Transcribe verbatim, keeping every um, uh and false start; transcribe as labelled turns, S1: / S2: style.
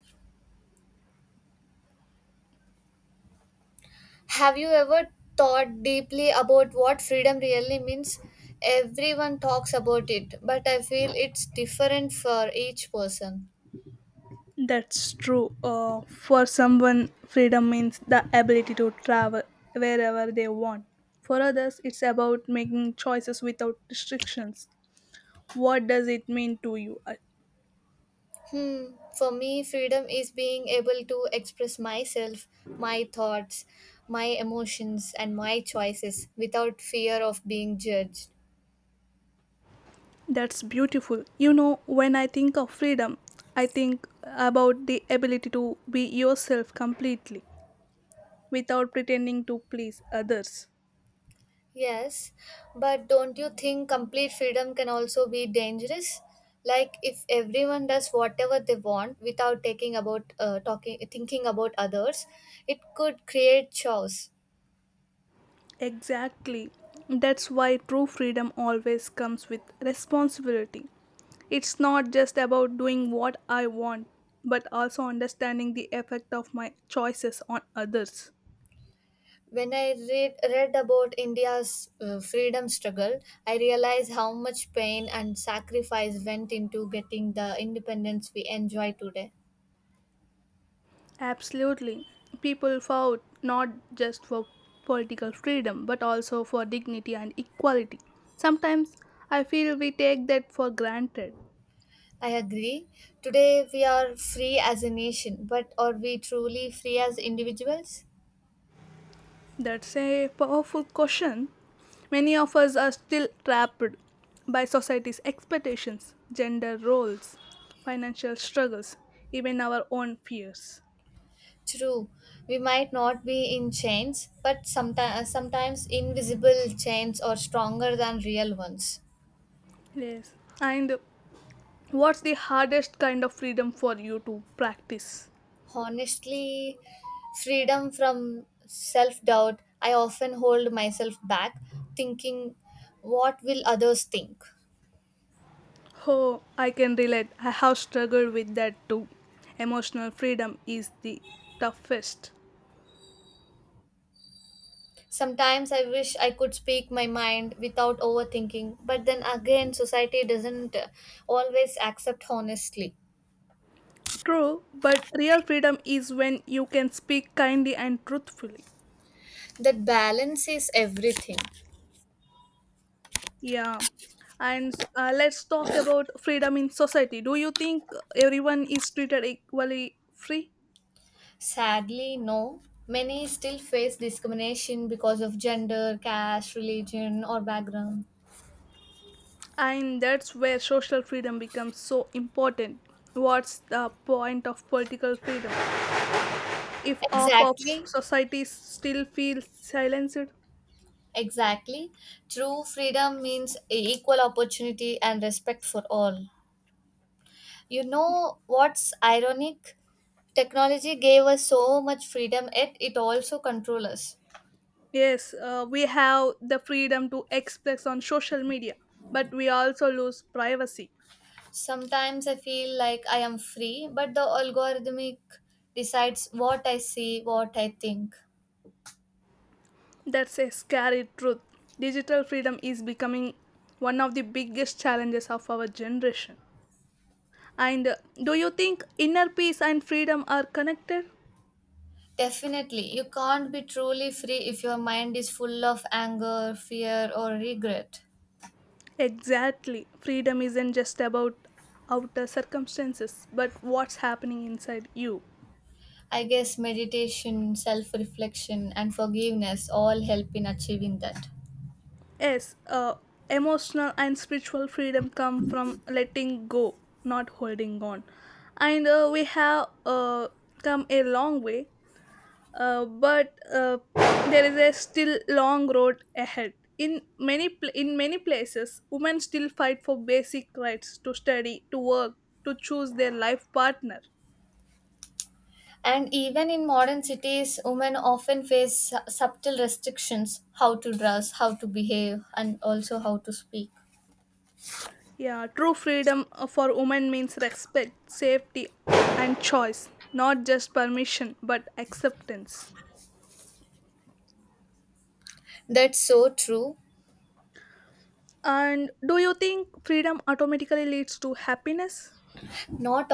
S1: Have you ever thought deeply about what freedom really means? Everyone talks about it, but I feel it's different for each person.
S2: That's true. Uh, for someone, freedom means the ability to travel wherever they want. For others, it's about making choices without restrictions. What does it mean to you? Uh,
S1: Hmm, for me, freedom is being able to express myself, my thoughts, my emotions, and my choices without fear of being judged.
S2: That's beautiful. You know, when I think of freedom, I think about the ability to be yourself completely without pretending to please others.
S1: Yes, but don't you think complete freedom can also be dangerous? Like if everyone does whatever they want without taking about uh, talking thinking about others, it could create chaos.
S2: Exactly. That's why true freedom always comes with responsibility. It's not just about doing what I want, but also understanding the effect of my choices on others.
S1: When I read read about India's uh, freedom struggle, I realized how much pain and sacrifice went into getting the independence we enjoy today.
S2: Absolutely. People fought not just for political freedom, but also for dignity and equality. Sometimes I feel we take that for granted.
S1: I agree. Today we are free as a nation, but are we truly free as individuals?
S2: That's a powerful question. Many of us are still trapped by society's expectations, gender roles, financial struggles, even our own fears.
S1: True, we might not be in chains, but sometimes sometimes invisible chains are stronger than real ones.
S2: Yes. And what's the hardest kind of freedom for you to practice?
S1: Honestly, freedom from self-doubt, I often hold myself back thinking what will others think.
S2: Oh, I can relate. I have struggled with that too. Emotional freedom is the toughest.
S1: Sometimes I wish I could speak my mind without overthinking, but then again society doesn't uh, always accept honestly.
S2: True, but real freedom is when you can speak kindly and truthfully.
S1: That balance is everything.
S2: Yeah. And uh, let's talk about freedom in society. Do you think everyone is treated equally free?
S1: Sadly, no. Many still face discrimination because of gender, caste, religion, or background.
S2: And that's where social freedom becomes so important. What's the point of political freedom, if half of
S1: Exactly,
S2: society still feels silenced?
S1: exactly. True freedom means equal opportunity and respect for all. You know what's ironic? Technology gave us so much freedom, yet it also controls us.
S2: Yes, uh, we have the freedom to express on social media, but we also lose privacy.
S1: Sometimes I feel like I am free, but the algorithmic decides what I see, what I think.
S2: That's a scary truth. Digital freedom is becoming one of the biggest challenges of our generation. And uh, do you think inner peace and freedom are connected?
S1: Definitely, you can't be truly free if your mind is full of anger, fear, or regret.
S2: Exactly, freedom isn't just about outer circumstances but what's happening inside you.
S1: I guess meditation, self reflection, and forgiveness all help in achieving that.
S2: Yes, uh, emotional and spiritual freedom come from letting go, not holding on. And uh, we have uh, come a long way, uh, but uh, there is a still long road ahead. In many pl- in many places, women still fight for basic rights to study, to work, to choose their life partner.
S1: And even in modern cities, women often face su- subtle restrictions how to dress, how to behave, and also how to speak.
S2: Yeah, true freedom uh, for women means respect, safety, and choice, not just permission but acceptance.
S1: That's so true.
S2: And do you think freedom automatically leads to happiness?
S1: Not